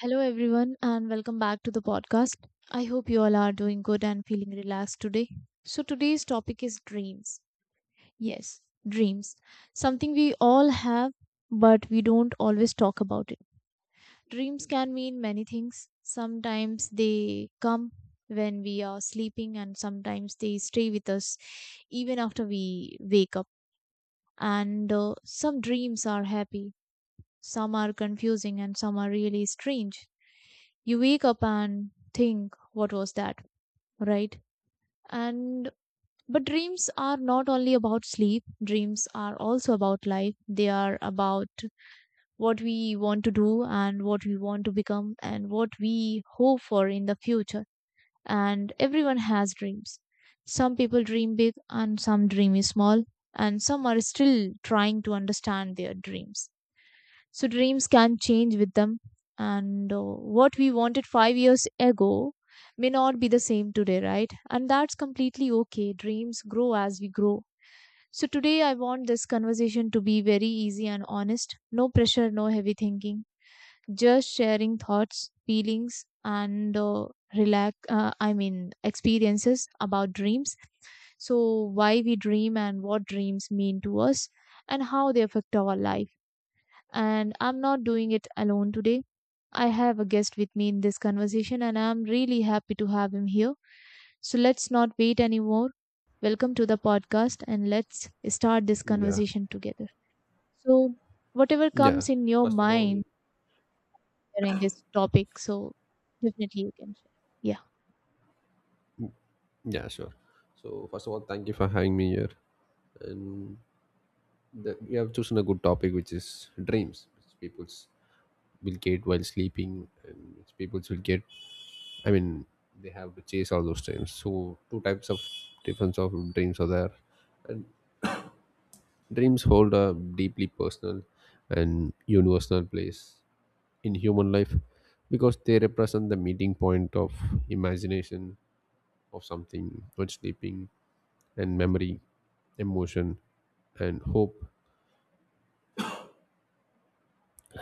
Hello, everyone, and welcome back to the podcast. I hope you all are doing good and feeling relaxed today. So, today's topic is dreams. Yes, dreams. Something we all have, but we don't always talk about it. Dreams can mean many things. Sometimes they come when we are sleeping, and sometimes they stay with us even after we wake up. And Some dreams are happy, some are confusing and some are really strange. You wake up and think, what was that? Right? And but dreams are not only about sleep, dreams are also about life. They are about what we want to do and what we want to become and what we hope for in the future. And everyone has dreams. Some people dream big and some dream small, and some are still trying to understand their dreams, so dreams can change with them, and what we wanted 5 years ago may not be the same today, right? And that's completely okay. Dreams grow as we grow. So today I want this conversation to be very easy and honest. No pressure, no heavy thinking, just sharing thoughts, feelings, and relax I mean experiences about dreams. So why we dream, and what dreams mean to us, and how they affect our life. And I'm not doing it alone today. I have a guest with me in this conversation, and I'm really happy to have him here. So let's not wait anymore. Welcome to the podcast, and let's start this Yeah. conversation together. So, whatever Yeah. comes in your First of all, mind during this topic, so definitely you can share. Yeah. Yeah, sure. So first of all, thank you for having me here. And we have chosen a good topic, which is dreams, which people will get while sleeping, and which people's will get. I mean, they have to chase all those dreams. So two types of difference of dreams are there, and dreams hold a deeply personal and universal place in human life, because they represent the meeting point of imagination of something not sleeping, and memory, emotion, and hope,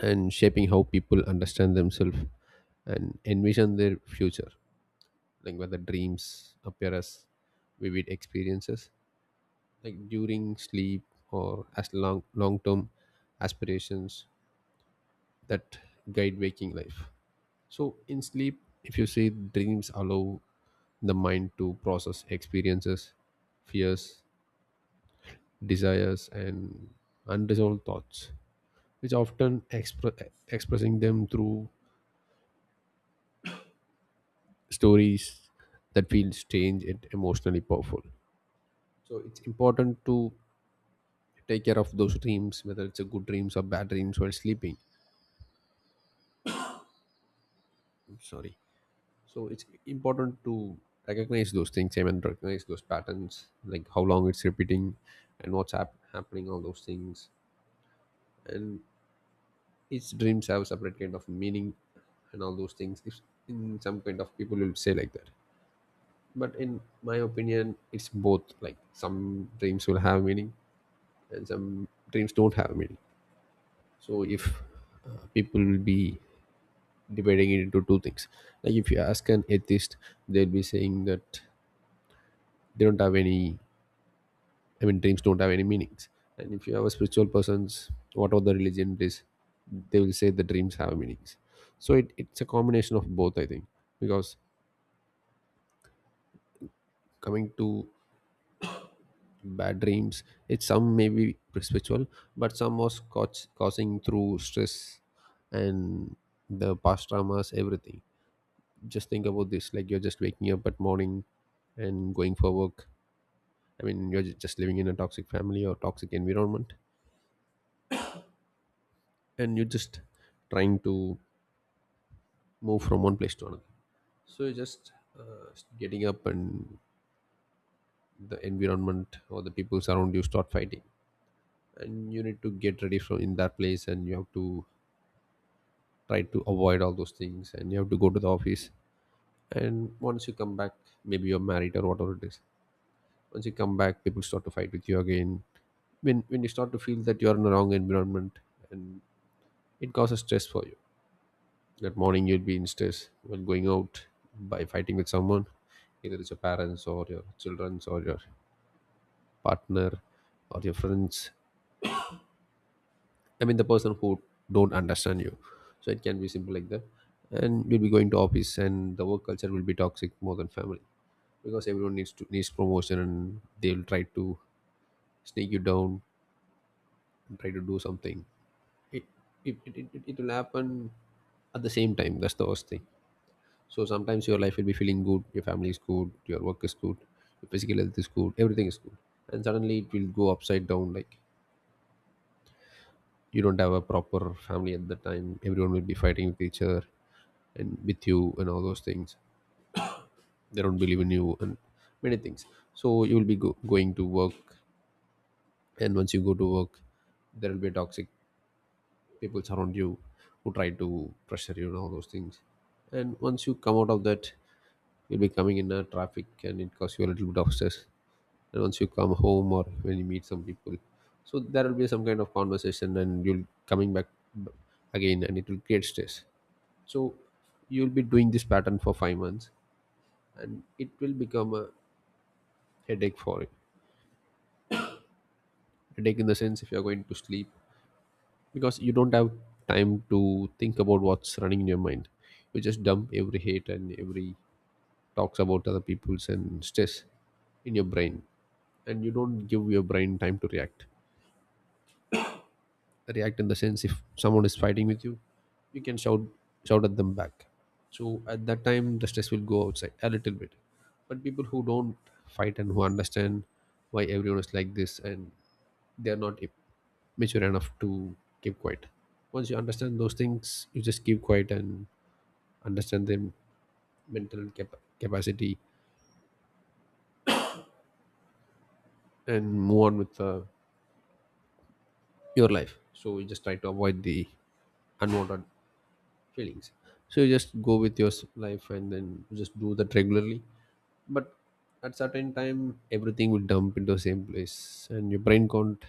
and shaping how people understand themselves and envision their future, like whether dreams appear as vivid experiences like during sleep or as long long term aspirations that guide waking life. So in sleep, if you say, dreams allow the mind to process experiences, fears, desires, and unresolved thoughts, which often expressing them through stories that feel strange and emotionally powerful. So it's important to take care of those dreams, whether it's a good dreams or bad dreams while sleeping. I'm sorry. So it's important to recognize those things, I mean, recognize those patterns, like how long it's repeating and what's happening, all those things. And each dreams have separate kind of meaning and all those things. If in some kind of people will say like that, but in my opinion it's both, like some dreams will have meaning and some dreams don't have meaning. So if people will be dividing it into two things, like if you ask an atheist, they'll be saying that they don't have any, I mean, dreams don't have any meanings. And if you have a spiritual person's, whatever the religion it is, they will say the dreams have meanings. So it's a combination of both, I think. Because coming to bad dreams, it's some may be spiritual, but some was causing through stress and the past traumas, everything. Just think about this: like you're just waking up at morning and going for work. I mean, you're just living in a toxic family or toxic environment, and you're just trying to move from one place to another. So you just uh, getting up, and the environment or the people around you start fighting, and you need to get ready from in that place, and you have to try to avoid all those things, and you have to go to the office. And once you come back, maybe you're married or whatever it is. Once you come back, people start to fight with you again. When you start to feel that you are in the wrong environment, and it causes stress for you. That morning you will be in stress when going out, by fighting with someone, either it's your parents or your children or your partner or your friends. I mean, the person who don't understand you. So it can be simple like that. And you'll be going to office, and the work culture will be toxic more than family. Because everyone needs to needs promotion, and they'll try to sneak you down and try to do something. It it will happen at the same time. That's the worst thing. So sometimes your life will be feeling good, your family is good, your work is good, your physical health is good, everything is good. And suddenly it will go upside down, like you don't have a proper family at the time. Everyone will be fighting with each other and with you and all those things. They don't believe in you and many things. So you will be going to work, and once you go to work, there will be toxic people around you who try to pressure you and all those things. And once you come out of that, you'll be coming in a traffic, and it causes you a little bit of stress. And once you come home or when you meet some people, so there will be some kind of conversation, and you'll coming back b- again, and it will create stress. So you'll be doing this pattern for 5 months, and it will become a headache for you. Headache in the sense, if you're going to sleep, because you don't have time to think about what's running in your mind, you just dump every hate and every talks about other people's and stress in your brain, and you don't give your brain time to react. React in the sense, if someone is fighting with you, you can shout at them back. So at that time the stress will go outside a little bit. But people who don't fight and who understand why everyone is like this, and they're not mature enough to keep quiet. Once you understand those things, you just keep quiet and understand their mental capacity and move on with your life. So you just try to avoid the unwanted really easy. So you just go with your life, and then you just do that regularly. But at certain time, everything will dump into the same place, and your brain can't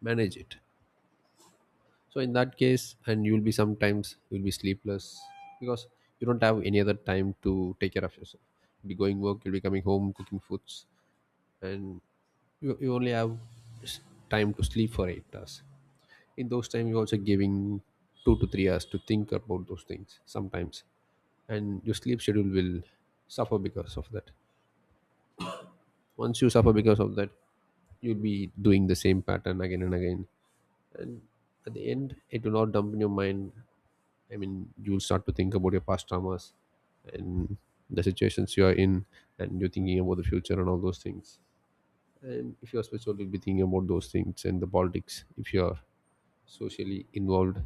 manage it. So in that case, and you'll be sometimes you'll be sleepless, because you don't have any other time to take care of yourself. You'll be going work, you'll be coming home, cooking foods, and you only have s- time to sleep for 8 hours. In those time, you're also giving 2 to 3 hours to think about those things sometimes, and your sleep schedule will suffer because of that. Once you suffer because of that, you'll be doing the same pattern again and again. And at the end, it will not dump in your mind. I mean, you'll start to think about your past traumas and the situations you are in, and you're thinking about the future and all those things. And if you're spiritual, you'll be thinking about those things, and the politics if you're socially involved.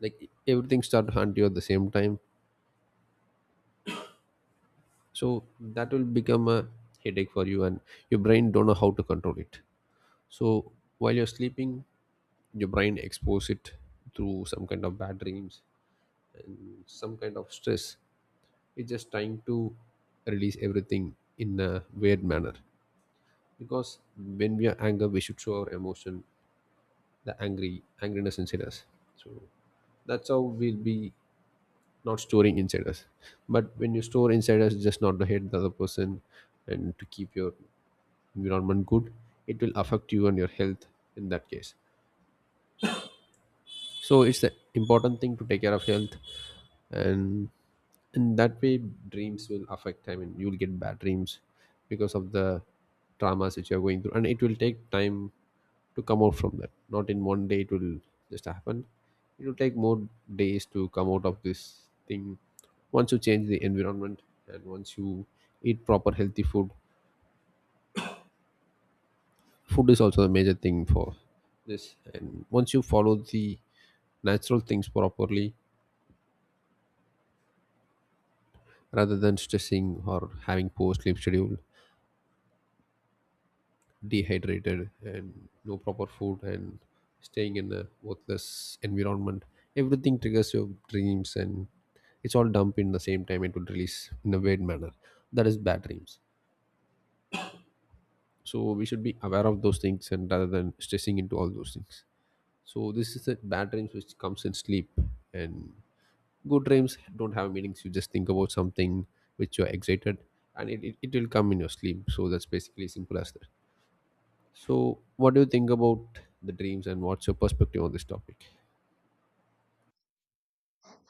Like everything start to hunt you at the same time. So that will become a headache for you, and your brain don't know how to control it. So while you're sleeping, your brain expose it through some kind of bad dreams and some kind of stress. It's just trying to release everything in a weird manner, because when we are angry, we should show our emotion, the angry angriness inside us. So that's how we'll be not storing inside us. But when you store inside us, just not to hate the other person and to keep your environment good, it will affect you and your health in that case. So it's an important thing to take care of health. And in that way, dreams will affect, I mean, you'll get bad dreams because of the traumas which you're going through, and it will take time to come out from that. Not in one day it will just happen. It will take more days to come out of this thing. Once you change the environment, and once you eat proper healthy food, food is also a major thing for this, and once you follow the natural things properly, rather than stressing or having poor sleep schedule, dehydrated and no proper food and staying in a worthless environment. Everything triggers your dreams, and it's all dumped in the same time, it will release in a weird manner. That is bad dreams. So we should be aware of those things and rather than stressing into all those things. So this is the bad dreams which comes in sleep, and good dreams don't have meanings. You just think about something which you're excited, and it will come in your sleep. So that's basically simple as that. So, what do you think about the dreams, and what's your perspective on this topic?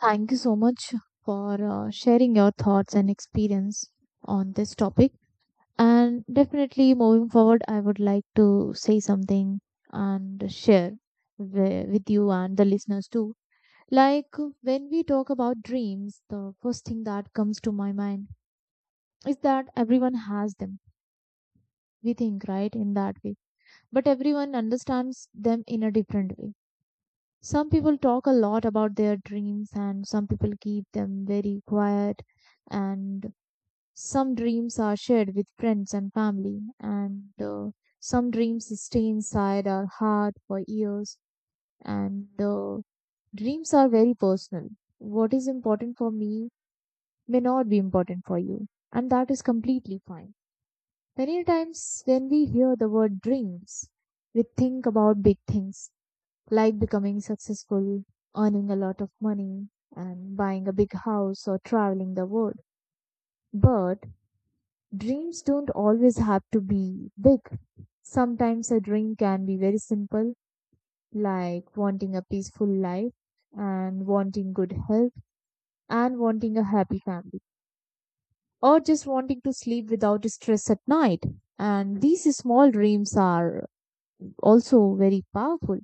Thank you so much for sharing your thoughts and experience on this topic. And definitely moving forward, I would like to say something and share with you and the listeners too. Like, when we talk about dreams, the first thing that comes to my mind is that everyone has them. We think, right, in that way. But everyone understands them in a different way. Some people talk a lot about their dreams, and some people keep them very quiet. And some dreams are shared with friends and family, and some dreams stay inside our heart for years. And Dreams are very personal. What is important for me may not be important for you, and that is completely fine. Many times, when we hear the word dreams, we think about big things like becoming successful, earning a lot of money, and buying a big house or traveling the world. But dreams don't always have to be big. Sometimes a dream can be very simple, like wanting a peaceful life and wanting good health and wanting a happy family, or just wanting to sleep without stress at night. And these small dreams are also very powerful.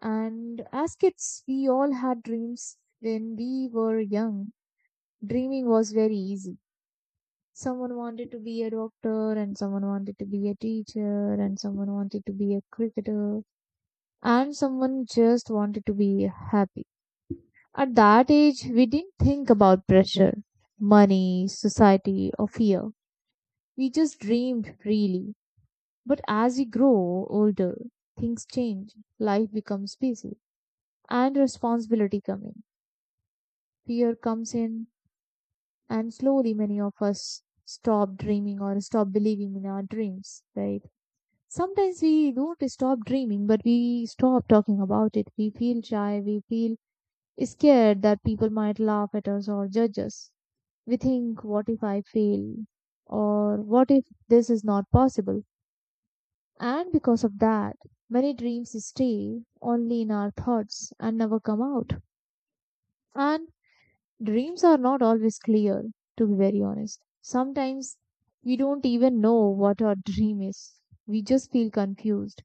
And as kids, we all had dreams when we were young. Dreaming was very easy. Someone wanted to be a doctor, and someone wanted to be a teacher, and someone wanted to be a cricketer, and someone just wanted to be happy. At that age, we didn't think about pressure, money, society, or fear. We just dreamed freely. But as we grow older, things change. Life becomes busy, and responsibility comes in. Fear comes in, and slowly many of us stop dreaming or stop believing in our dreams, right? Sometimes we don't stop dreaming, but we stop talking about it. We feel shy, we feel scared that people might laugh at us or judge us. We think, what if I fail? Or what if this is not possible? And because of that, many dreams stay only in our thoughts and never come out. And dreams are not always clear, to be very honest. Sometimes we don't even know what our dream is. We just feel confused.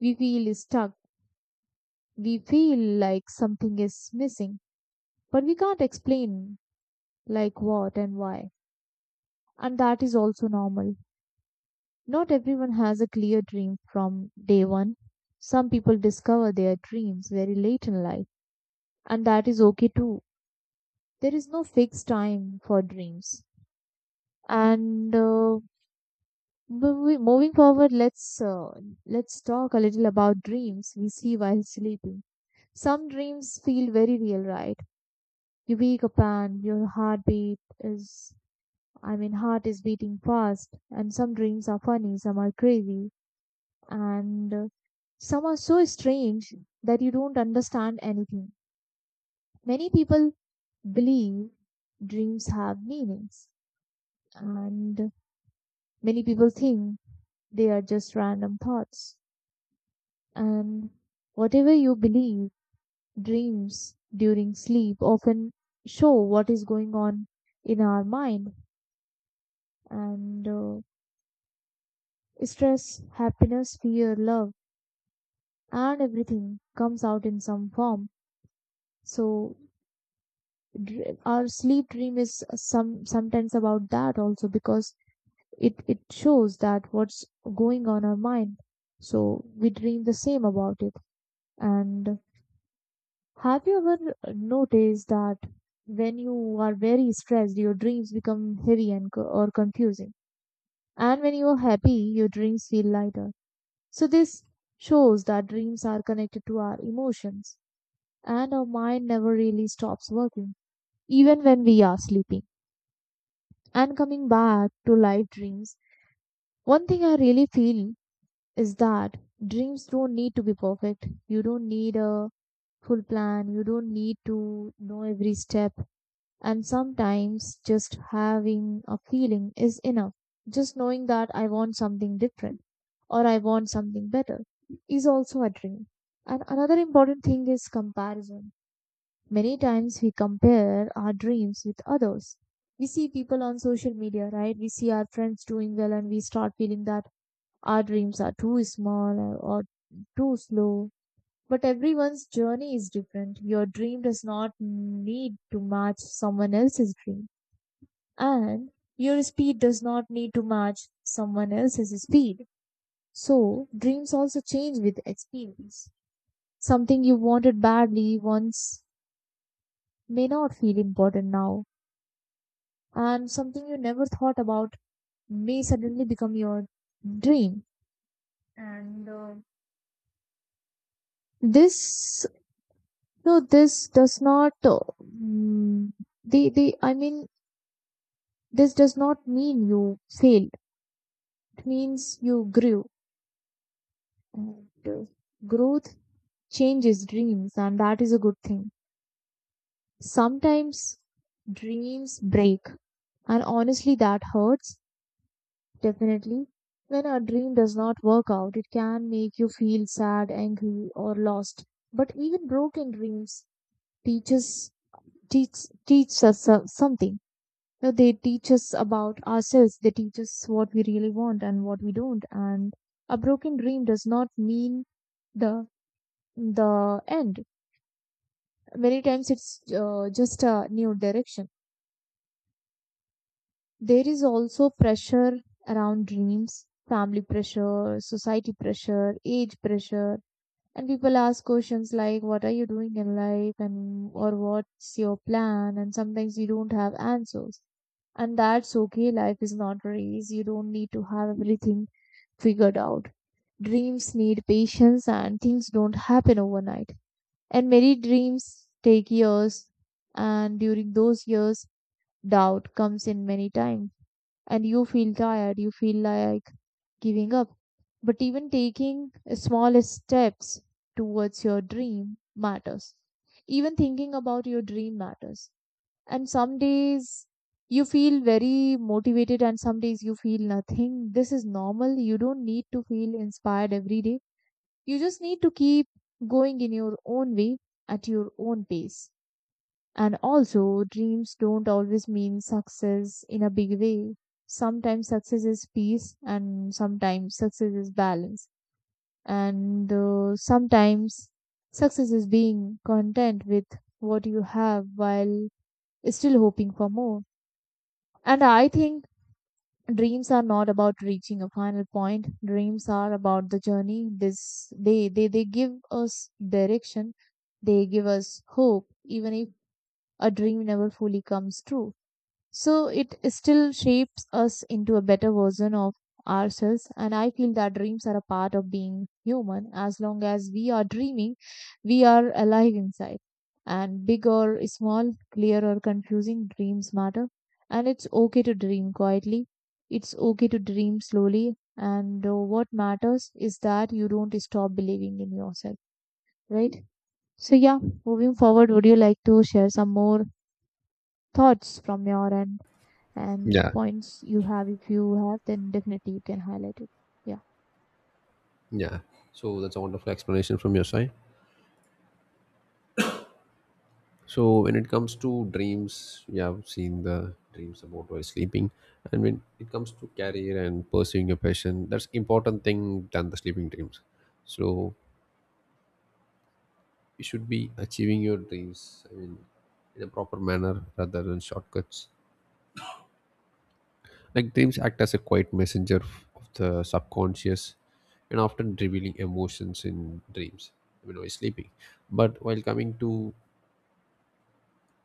We feel stuck. We feel like something is missing, but we can't explain like what and why. And that is also normal. Not everyone has a clear dream from day one. Some people discover their dreams very late in life, and that is okay too. There is no fixed time for dreams. And uh, Moving forward, let's talk a little about dreams we see while sleeping. Some dreams feel very real, right? You wake up and your heart is beating fast, and some dreams are funny, some are crazy, and some are so strange that you don't understand anything. Many people believe dreams have meanings, and many people think they are just random thoughts. And whatever you believe, dreams during sleep often show what is going on in our mind. And Stress, happiness, fear, love, and everything comes out in some form. So our sleep dream is sometimes about that also, because it shows that what's going on our mind. So we dream the same about it. And have you ever noticed that when you are very stressed, your dreams become heavy and co- or confusing, and when you are happy, your dreams feel lighter? So, this shows that dreams are connected to our emotions, and our mind never really stops working, even when we are sleeping. And coming back to live dreams, one thing I really feel is that dreams don't need to be perfect. You don't need a full plan, you don't need to know every step. And sometimes just having a feeling is enough. Just knowing that I want something different or I want something better is also a dream. And another important thing is comparison. Many times we compare our dreams with others. We see people on social media, right? We see our friends doing well and we start feeling that our dreams are too small or too slow. But everyone's journey is different. Your dream does not need to match someone else's dream, and your speed does not need to match someone else's speed. So dreams also change with experience. Something you wanted badly once may not feel important now, and something you never thought about may suddenly become your dream. And this, no, this does not. Mm, the I mean, This does not mean you failed. It means you grew. And, uh, Growth changes dreams, and that is a good thing. Sometimes dreams break, and honestly, that hurts, definitely. When a dream does not work out, it can make you feel sad, angry, or lost. But even broken dreams teaches teach us something. You know, they teach us about ourselves. They teach us what we really want and what we don't. And a broken dream does not mean the the end, many times it's just a new direction. There is also pressure around dreams, family pressure, society pressure, age pressure, and people ask questions like, "What are you doing in life?" and or "What's your plan?" And sometimes you don't have answers, and that's okay. Life is not very easy. You don't need to have everything figured out. Dreams need patience, and things don't happen overnight. And many dreams take years, and during those years, doubt comes in many times, and you feel tired, you feel like giving up. But even taking small steps towards your dream matters. Even thinking about your dream matters. And some days you feel very motivated, and some days you feel nothing. This is normal. You don't need to feel inspired every day, you just need to keep going in your own way at your own pace. And also, dreams don't always mean success in a big way. Sometimes success is peace, and sometimes success is balance, and sometimes success is being content with what you have while still hoping for more. And I think dreams are not about reaching a final point, dreams are about the journey. They give us direction, they give us hope. Even if a dream never fully comes true, so it still shapes us into a better version of ourselves. And I feel that dreams are a part of being human. As long as we are dreaming, we are alive inside. And big or small, clear or confusing, dreams matter. And it's okay to dream quietly. It's okay to dream slowly. And What matters is that you don't stop believing in yourself, right? So, yeah, moving forward, would you like to share some more thoughts from your end? And Yeah. points you have, if you have, then definitely you can highlight it. Yeah. Yeah, so that's a wonderful explanation from your side. So, when it comes to dreams, we have seen the dreams about while sleeping, and when it comes to career and pursuing your passion, that's important thing than the sleeping dreams. So, you should be achieving your dreams. I mean, in a proper manner rather than shortcuts. Like dreams act as a quiet messenger of the subconscious, and often revealing emotions in dreams when we're sleeping. But while coming to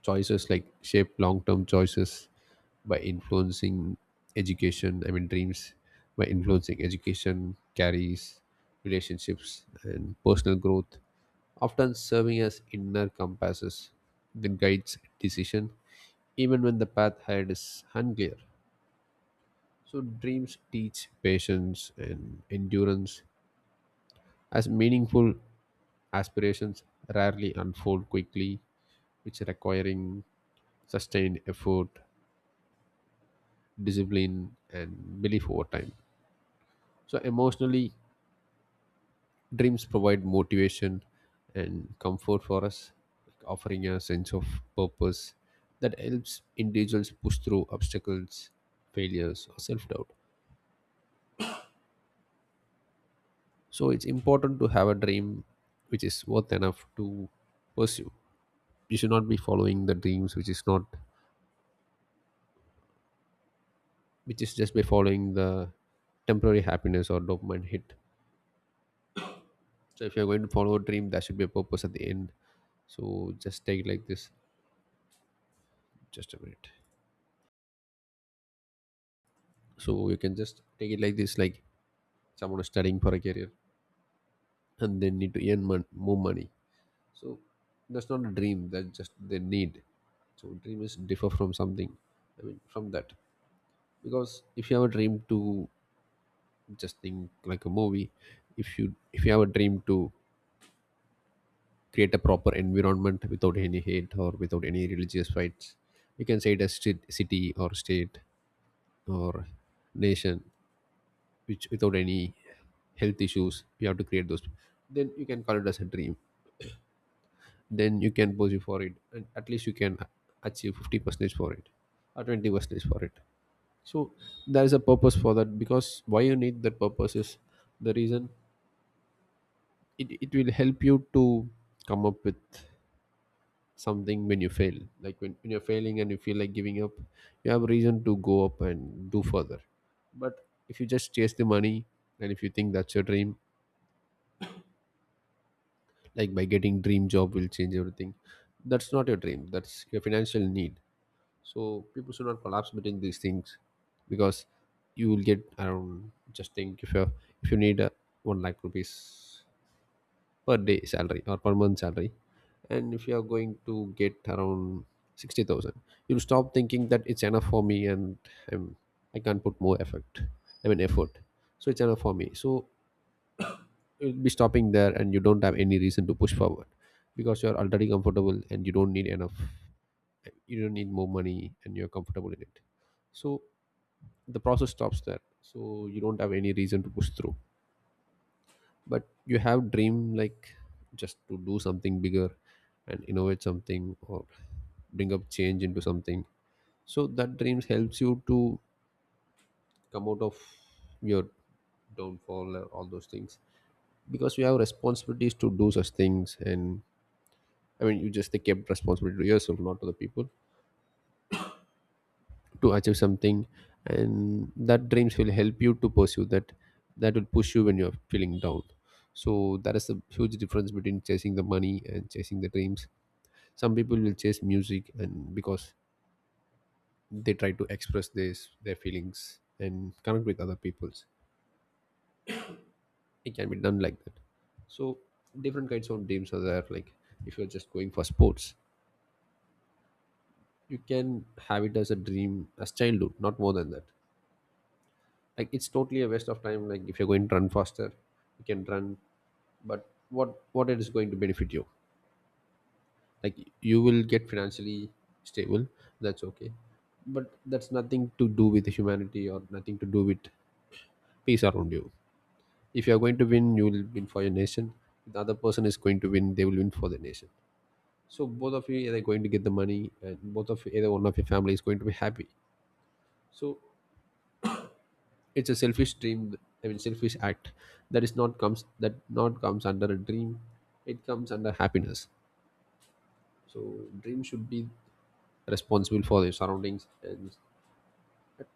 choices, like shape long term choices by influencing education, I mean, dreams by influencing education, carries relationships and personal growth, often serving as inner compasses that guides decision even when the path ahead is unclear. So, dreams teach patience and endurance, as meaningful aspirations rarely unfold quickly, which requiring sustained effort, discipline, and belief over time. So, emotionally, dreams provide motivation and comfort for us, offering a sense of purpose that helps individuals push through obstacles, failures, or self doubt. So it's important to have a dream which is worth enough to pursue. You should not be following the dreams which is not, which is just by following the temporary happiness or dopamine hit. So if you're going to follow a dream, there should be a purpose at the end. So just take it like this. Just a minute. So you can just take it like this, like someone is studying for a career and they need to earn more money. So that's not a dream. That's just their need. So dream is differ from something. I mean, from that. Because if you have a dream to just think like a movie, if you have a dream to create a proper environment without any hate or without any religious fights, you can say it as street, city or state or nation, which without any health issues you have to create those, then you can call it as a dream. Then you can pursue for it and at least you can achieve 50 percentage for it or 20 percentage for it. So there is a purpose for that, because why you need that purpose is the reason, it will help you to come up with something when you fail, like when you're failing and you feel like giving up, you have reason to go up and do further. But if you just chase the money and if you think that's your dream, like by getting dream job will change everything, that's not your dream, that's your financial need. So people should not collapse between these things, because you will get around. Just think, if you need one lakh rupees per day salary or per month salary, and if you are going to get around 60,000, you'll stop thinking that it's enough for me, and I'm, I can't put more effort. I mean effort. So it's enough for me, so you'll be stopping there and you don't have any reason to push forward, because you're already comfortable and you don't need enough, you don't need more money and you're comfortable in it. So the process stops there, so you don't have any reason to push through. But you have dream, like just to do something bigger and innovate something or bring up change into something. So that dreams helps you to come out of your downfall and all those things, because you have responsibilities to do such things. And I mean you just take kept responsibility to yourself, not to the people, to achieve something, and that dreams will help you to pursue that. That will push you when you're feeling down. So that is the huge difference between chasing the money and chasing the dreams. Some people will chase music and because they try to express this their feelings and connect with other people's, it can be done like that. So different kinds of dreams are there, like if you're just going for sports, you can have it as a dream as childhood, not more than that. Like it's totally a waste of time. Like if you're going to run faster, you can run, but what it is going to benefit you. Like you will get financially stable, that's okay, but that's nothing to do with humanity or nothing to do with peace around you. If you are going to win, you will win for your nation. If the other person is going to win, they will win for the nation. So both of you either going to get the money, and both of either one of your family is going to be happy. So it's a selfish dream. I mean, selfish act, that not comes under a dream. It comes under happiness. So dream should be responsible for their surroundings and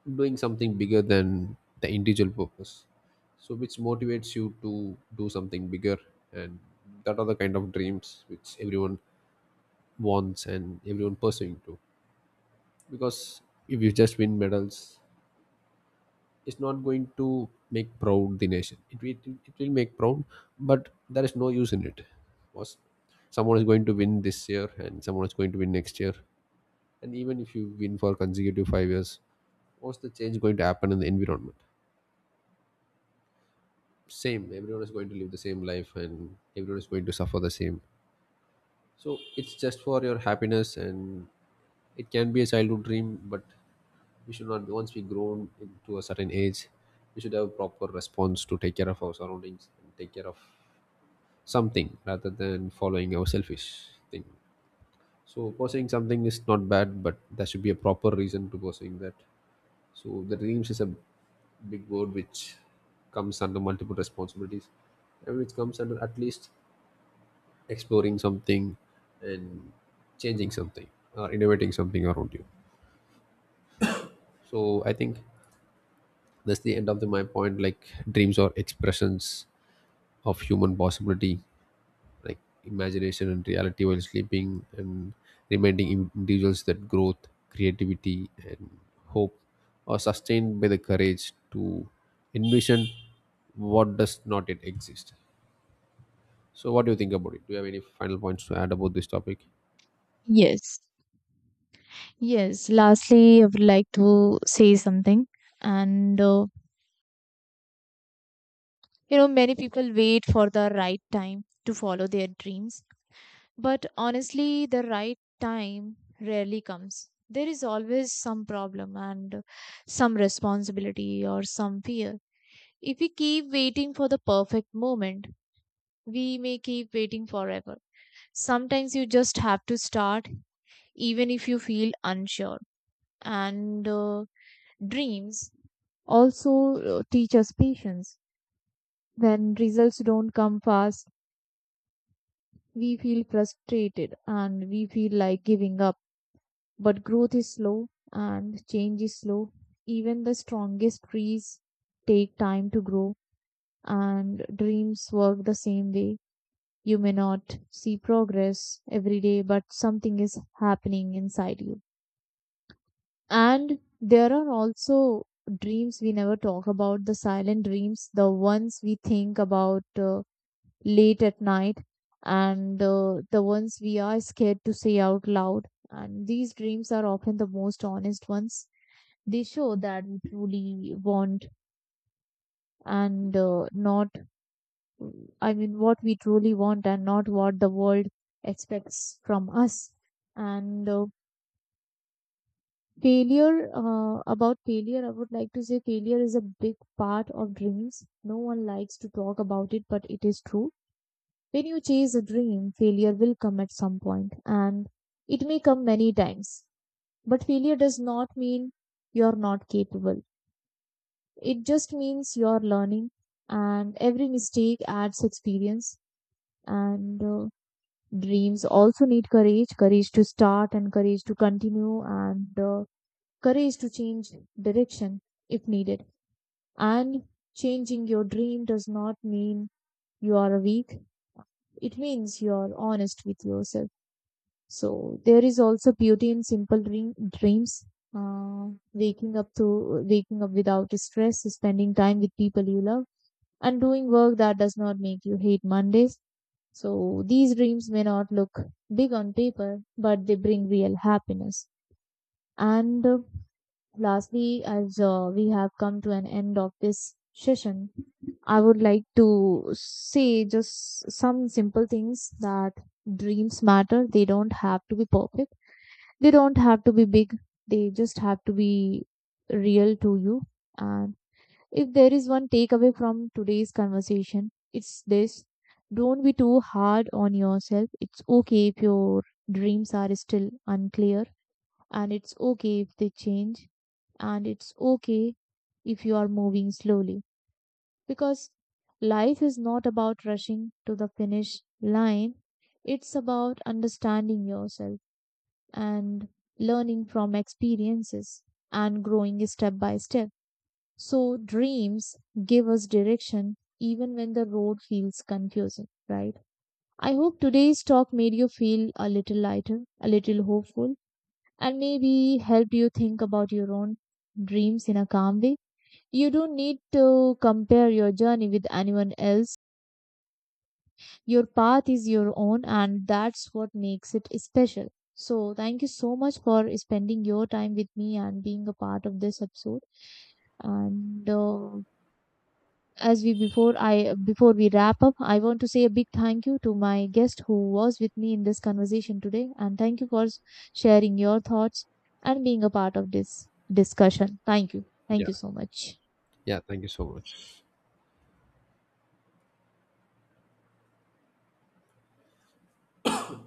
doing something bigger than the individual purpose, so which motivates you to do something bigger, and that are the kind of dreams which everyone wants and everyone pursuing to. Because if you just win medals, it's not going to make proud the nation. It will make proud, but there is no use in it. Was someone is going to win this year and someone is going to win next year, and even if you win for consecutive 5 years, what's the change going to happen in the environment? Same, everyone is going to live the same life and everyone is going to suffer the same. So it's just for your happiness, and it can be a childhood dream. But we should not, once we grown into a certain age, we should have proper response to take care of our surroundings and take care of something rather than following our selfish thing. So pursuing something is not bad, but there should be a proper reason to pursuing that. So the dreams is a big word which comes under multiple responsibilities, and which comes under at least exploring something and changing something or innovating something around you. So I think that's the end of my point. Like dreams are expressions of human possibility, like imagination and reality while sleeping, and reminding individuals that growth, creativity and hope are sustained by the courage to envision what does not yet exist. So what do you think about it? Do you have any final points to add about this topic? Yes, yes. Lastly, I would like to say something. And You know, many people wait for the right time to follow their dreams. But honestly, the right time rarely comes. There is always some problem and some responsibility or some fear. If we keep waiting for the perfect moment, we may keep waiting forever. Sometimes you just have to start, even if you feel unsure. And Dreams also teach us patience. When results don't come fast, we feel frustrated and we feel like giving up. But growth is slow and change is slow. Even the strongest trees take time to grow, and dreams work the same way. You may not see progress every day, but something is happening inside you. And there are also dreams we never talk about, the silent dreams, the ones we think about late at night, and the ones we are scared to say out loud. And these dreams are often the most honest ones. They show that we truly want and not, I mean, what we truly want and not what the world expects from us. And uh, about failure, I would like to say failure is a big part of dreams. No one likes to talk about it, but it is true. When you chase a dream, failure will come at some point, and it may come many times. But failure does not mean you're not capable. It just means you're learning, and every mistake adds experience. And Dreams also need courage, courage to start and courage to continue, and courage to change direction if needed. And changing your dream does not mean you are weak, it means you are honest with yourself. So, there is also beauty in simple dreams. Uh, Waking up without stress, spending time with people you love, and doing work that does not make you hate Mondays. So these dreams may not look big on paper, but they bring real happiness. And Lastly, as we have come to an end of this session, I would like to say just some simple things, that dreams matter. They don't have to be perfect, they don't have to be big, they just have to be real to you. And if there is one takeaway from today's conversation, it's this: don't be too hard on yourself. It's okay if your dreams are still unclear, and it's okay if they change, and it's okay if you are moving slowly, because life is not about rushing to the finish line. It's about understanding yourself and learning from experiences and growing step by step. So, dreams give us direction even when the road feels confusing, right? I hope today's talk made you feel a little lighter, a little hopeful, and maybe helped you think about your own dreams in a calm way. You don't need to compare your journey with anyone else. Your path is your own, and that's what makes it special. So, thank you so much for spending your time with me and being a part of this episode. And as we before I Before we wrap up, I want to say a big thank you to my guest who was with me in this conversation today, and thank you for sharing your thoughts and being a part of this discussion. Thank Yeah. you so much. Yeah, thank you so much.